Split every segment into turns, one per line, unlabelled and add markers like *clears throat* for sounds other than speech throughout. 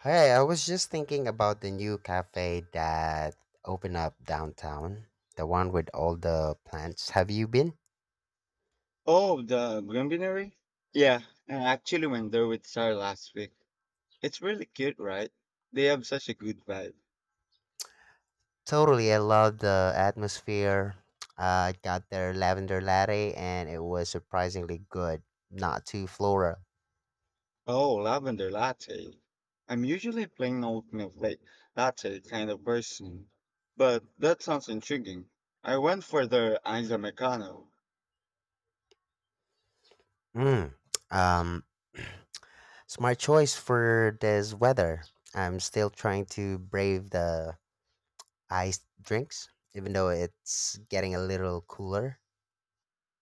Hey, I was just thinking about the new cafe that opened up downtown. The one with all the plants. Have you been?
Oh, the Granbury? Yeah, I actually went there with Sarah last week. It's really cute, right? They have such a good vibe.
Totally, I love the atmosphere. I got their lavender latte and it was surprisingly good. Not too floral.
Oh, lavender latte. I'm usually a plain oat milk late latte kind of person, but that sounds intriguing. I went for the Isa Americano.
Mm. Um *clears throat* smart choice for this weather. I'm still trying to brave the iced drinks even though it's getting a little cooler.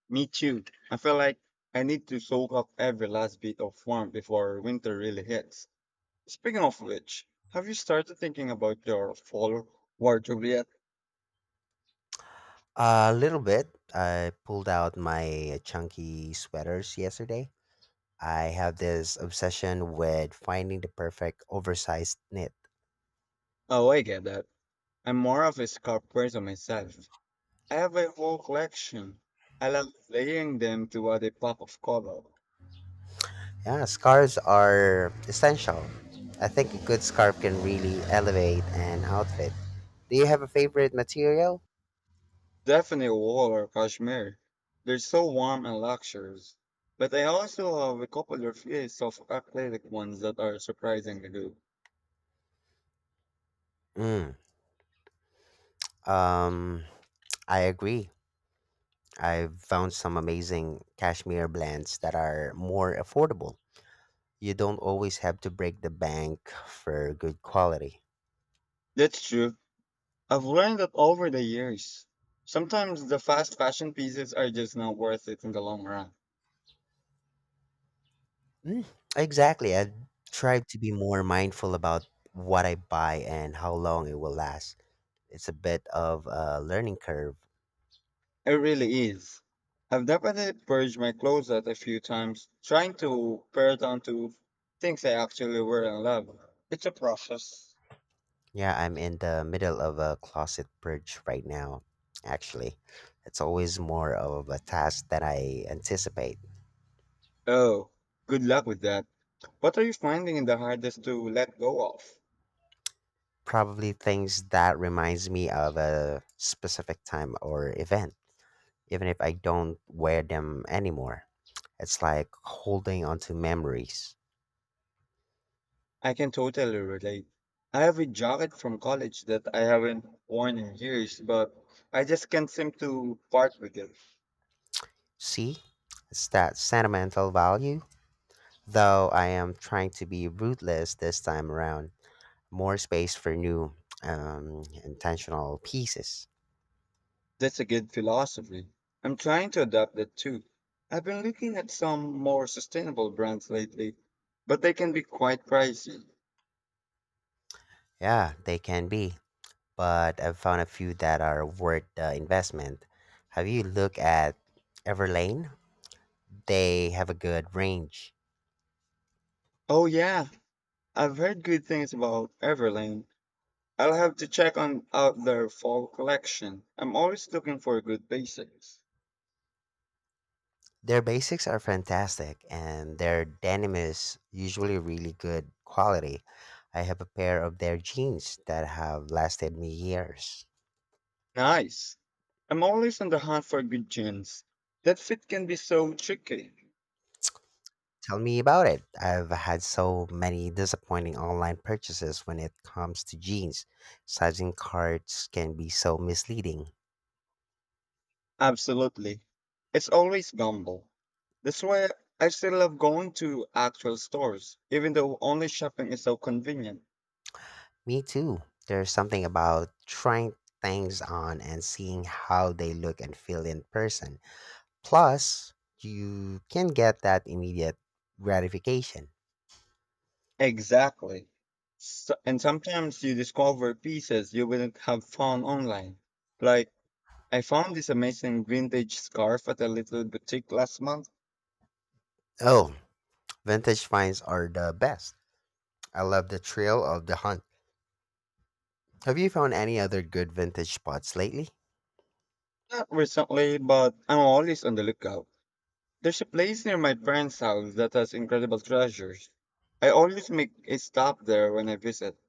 Me too. I feel like I need to soak up every last bit of warmth before winter really hits. Speaking of which, have you started thinking about your fall wardrobe yet?
A little bit. I pulled out my chunky sweaters yesterday. I have this obsession with finding the perfect oversized knit.
Oh, I get that. I'm more of a scarf person myself. I have a whole collection. I love layering them to add a pop of color.
Yeah, scarves are essential. I think a good scarf can really elevate an outfit. Do you have a favorite material?
Definitely wool or cashmere. They're so warm and luxurious. But I also have a couple of pieces of acrylic ones that are surprisingly good.
Mm, um, I agree. I've found some amazing cashmere blends that are more affordable. You don't always have to break the bank for good quality.
That's true. I've learned that over the years. Sometimes the fast fashion pieces are just not worth it in the long run.
Mm, Exactly. I try to be more mindful about what I buy and how long it will last. It's a bit of a learning curve.
It really is. I've definitely purged my closet a few times, trying to pare down to things I actually wear and love. It's a process.
Yeah, I'm in the middle of a closet purge right now, actually. It's always more of a task that I anticipate.
Oh, good luck with that. What are you finding the hardest to let go of?
Probably things that reminds me of a specific time or event, even if I don't wear them anymore. It's like holding on to memories.
I can totally relate. I have a jacket from college that I haven't worn in years, but I just can't seem to part with it.
See? It's that sentimental value, though I am trying to be ruthless this time around. More space for new, intentional pieces.
That's a good philosophy. I'm trying to adopt that too. I've been looking at some more sustainable brands lately, but they can be quite pricey.
Yeah, they can be, but I've found a few that are worth the investment. Have you looked at Everlane? They have a good range.
Oh yeah, I've heard good things about Everlane. I'll have to check on out their fall collection. I'm always looking for good basics.
Their basics are fantastic, and their denim is usually really good quality. I have a pair of their jeans that have lasted me years.
Nice. I'm always on the hunt for good jeans. That fit can be so tricky.
Tell me about it. I've had so many disappointing online purchases when it comes to jeans. Sizing cards can be so misleading.
Absolutely. It's always gamble. That's why I still love going to actual stores, even though online shopping is so convenient.
Me too. There's something about trying things on and seeing how they look and feel in person. Plus, you can get that immediate gratification.
Exactly. So, and sometimes you discover pieces you wouldn't have found online. Like, I found this amazing vintage scarf at a little boutique last month.
Oh, vintage finds are the best. I love the thrill of the hunt. Have you found any other good vintage spots lately?
Not recently, but I'm always on the lookout. There's a place near my parents' house that has incredible treasures. I always make a stop there when I visit.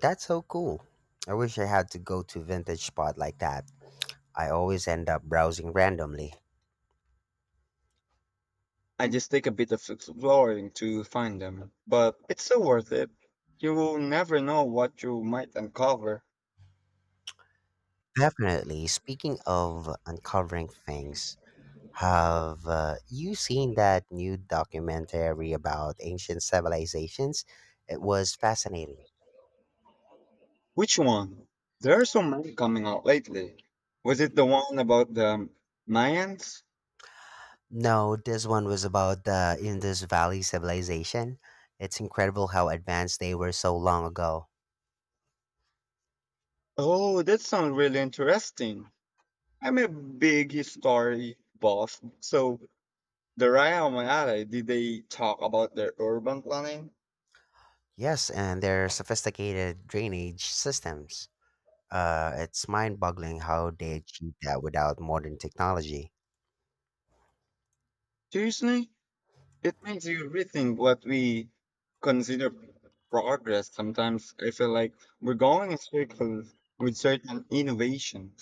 That's so cool. I wish I had to go to vintage spot like that. I always end up browsing randomly.
I just take a bit of exploring to find them, but it's so worth it. You will never know what you might uncover.
Definitely. Speaking of uncovering things, have you seen that new documentary about ancient civilizations? It was fascinating.
Which one? There are so many coming out lately. Was it the one about the Mayans?
No, this one was about the Indus Valley civilization. It's incredible how advanced they were so long ago.
Oh, that sounds really interesting. I'm a big history buff, so the Raya on my alley, did they talk about their urban planning?
Yes, and their sophisticated drainage systems. It's mind boggling how they achieved that without modern technology.
Seriously? It makes you rethink what we consider progress. Sometimes I feel like we're going in circles with certain innovation.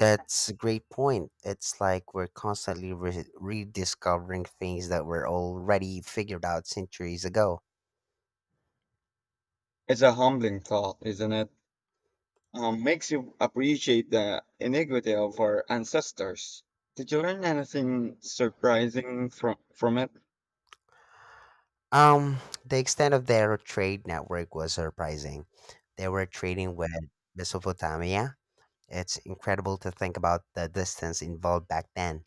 That's a great point. It's like we're constantly rediscovering things that were already figured out centuries ago.
It's a humbling thought, isn't it? Makes you appreciate the iniquity of our ancestors. Did you learn anything surprising from it?
Um, the extent of their trade network was surprising. They were trading with Mesopotamia. It's incredible to think about the distance involved back then.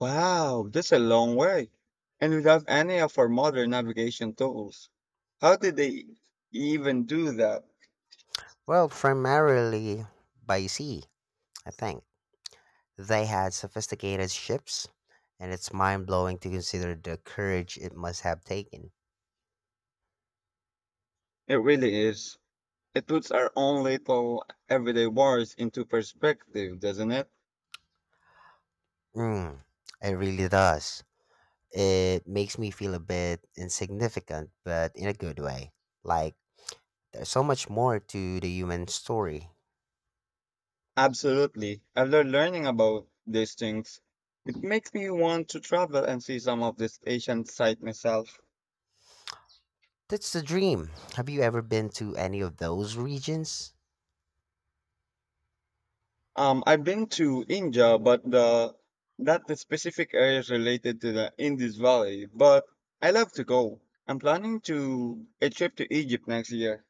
Wow, that's a long way, and without any of our modern navigation tools. How did they even do that?
Well, primarily by sea, I think. They had sophisticated ships, and it's mind blowing to consider the courage it must have taken.
It really is. It puts our own little everyday wars into perspective, doesn't it?
Mm, it really does. It makes me feel a bit insignificant, but in a good way. Like, there's so much more to the human story.
Absolutely. After learning about these things, it makes me want to travel and see some of this Asian side myself.
That's the dream. Have you ever been to any of those regions?
I've been to India, but the specific area is related to the Indus Valley. But I love to go. I'm planning to a trip to Egypt next year.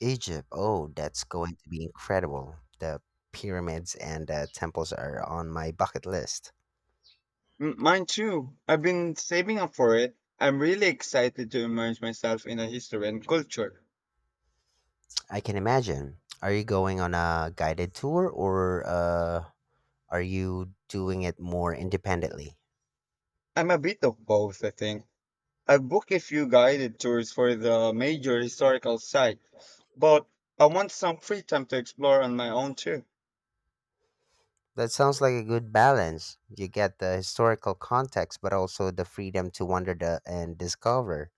Egypt. Oh, that's going to be incredible. The pyramids and the temples are on my bucket list.
Mine too. I've been saving up for it. I'm really excited to immerse myself in the history and culture.
I can imagine. Are you going on a guided tour, or are you doing it more independently?
I'm a bit of both, I think. I've booked a few guided tours for the major historical site, but I want some free time to explore on my own too.
That sounds like a good balance. You get the historical context, but also the freedom to wander the, and discover.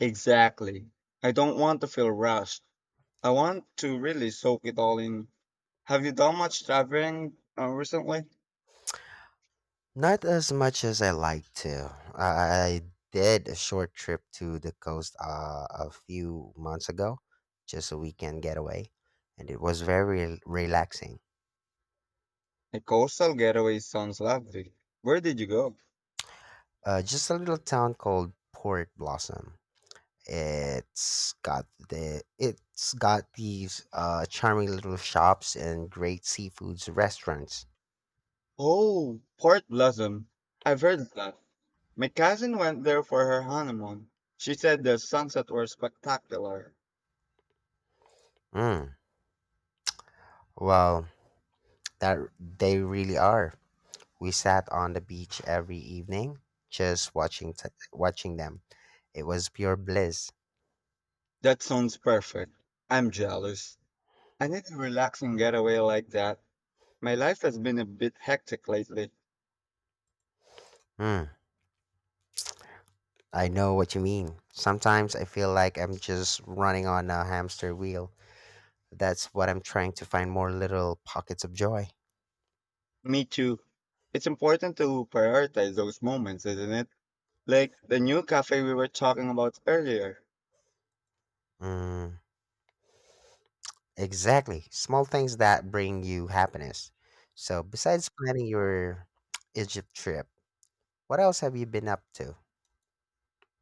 Exactly. I don't want to feel rushed. I want to really soak it all in. Have you done much traveling recently?
Not as much as I like to. I did a short trip to the coast a few months ago, just a weekend getaway, and it was very relaxing.
A coastal getaway sounds lovely. Where did you go?
Just a little town called Port Blossom. It's got these charming little shops and great seafoods restaurants.
Oh, Port Blossom. I've heard of that. My cousin went there for her honeymoon. She said the sunset was spectacular.
Mm, well, that they really are. We sat on the beach every evening, just watching them. It was pure bliss.
That sounds perfect. I'm jealous. I need a relaxing getaway like that. My life has been a bit hectic lately.
Mm, I know what you mean. Sometimes I feel like I'm just running on a hamster wheel. That's what I'm trying to find more little pockets of joy.
Me too. It's important to prioritize those moments, isn't it? Like the new cafe we were talking about earlier.
Mm. Exactly. Small things that bring you happiness. So, besides planning your *tsk* Egypt trip, what else have you been up to?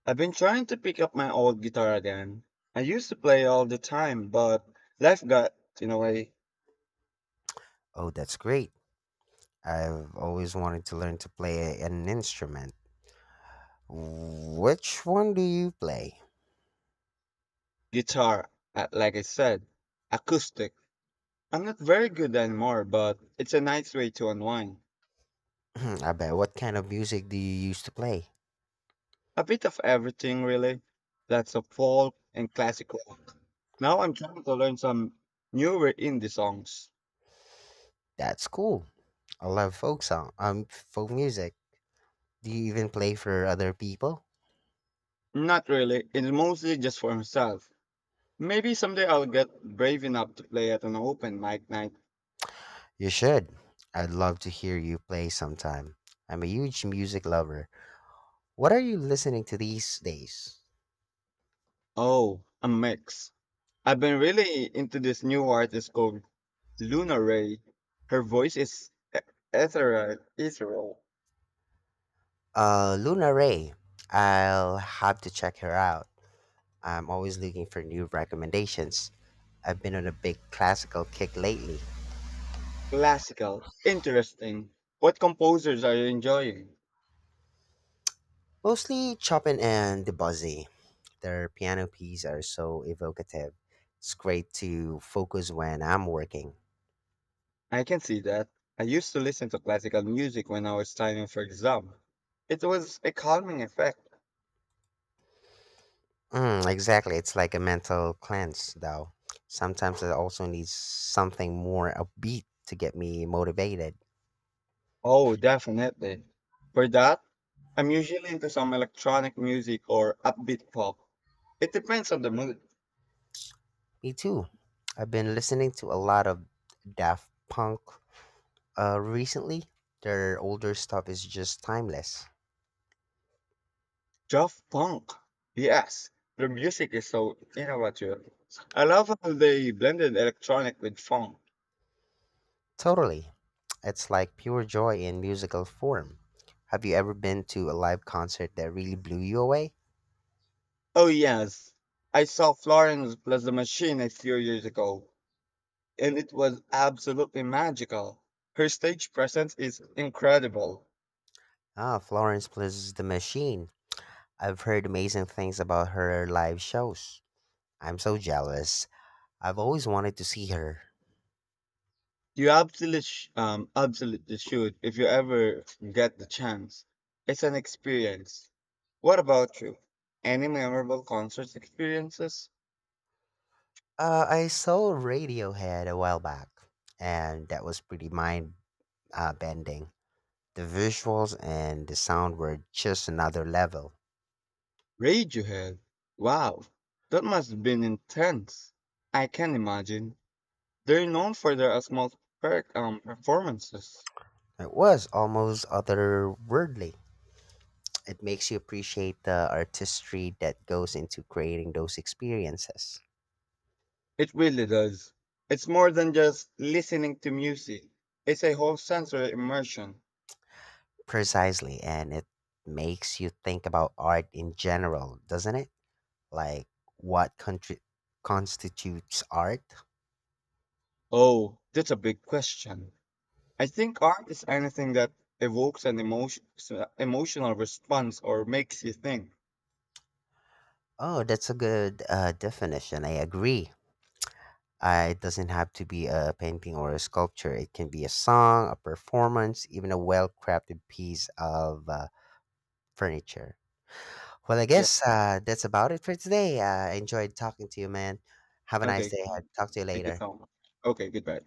I've been trying to pick up my old guitar again. I used to play all the time, but life got in a way.
Oh, that's great. I've always wanted to learn to play an instrument. Which one do you play?
Guitar, like I said, acoustic. I'm not very good anymore, but it's a nice way to unwind.
*clears throat* I bet. What kind of music do you used to play?
A bit of everything, really. Lots of folk and classic rock. Now I'm trying to learn some newer indie songs.
That's cool. I love folk music. Do you even play for other people?
Not really, it's mostly just for myself. Maybe someday I'll get brave enough to play at an open mic night.
You should. I'd love to hear you play sometime. I'm a huge music lover. What are you listening to these days?
Oh, a mix. I've been really into this new artist called Luna Ray. Her voice is ethereal,
Luna Ray. I'll have to check her out. I'm always looking for new recommendations. I've been on a big classical kick lately,
classical, interesting. What composers are you enjoying?
mostly Chopin and Debussy. Their piano pieces are so evocative. It's great to focus when I'm working.
I can see that. I used to listen to classical music when I was studying for exam. It was a calming effect.
Mm, exactly, it's like a mental cleanse, though. Sometimes I also need something more upbeat to get me motivated.
Oh, definitely. For that, I'm usually into some electronic music or upbeat pop. It depends on the mood.
Me too. I've been listening to a lot of Daft Punk recently. Their older stuff is just timeless.
Daft Punk. Yes, their music is so innovative. I love how they blended electronic with funk.
Totally. It's like pure joy in musical form. Have you ever been to a live concert that really blew you away?
Oh yes, I saw Florence plus the Machine a few years ago, and it was absolutely magical. Her stage presence is incredible.
Ah, Florence plus the Machine. I've heard amazing things about her live shows. I'm so jealous. I've always wanted to see her.
You absolutely should if you ever get the chance. It's an experience. What about you? Any memorable concert experiences?
I saw Radiohead a while back, and that was pretty mind bending. The visuals and the sound were just another level.
Radiohead. Wow, that must have been intense. I can imagine. They're known for their performances.
It was almost otherworldly. It makes you appreciate the artistry that goes into creating those experiences.
It really does. It's more than just listening to music. It's a whole sensory immersion.
Precisely, and it makes you think about art in general, doesn't it? Like what contri- constitutes art?
Oh, that's a big question. I think art is anything that evokes an emotion, emotional response or makes you think.
Oh, that's a good definition. I agree. It doesn't have to be a painting or a sculpture. It can be a song, a performance, even a well crafted piece of furniture. Well, I
Yeah.
guess that's about it for today. I enjoyed talking to you, man. Have a nice
Okay.
day ahead. Talk to you
Thank you
later.
so much. Okay. Goodbye.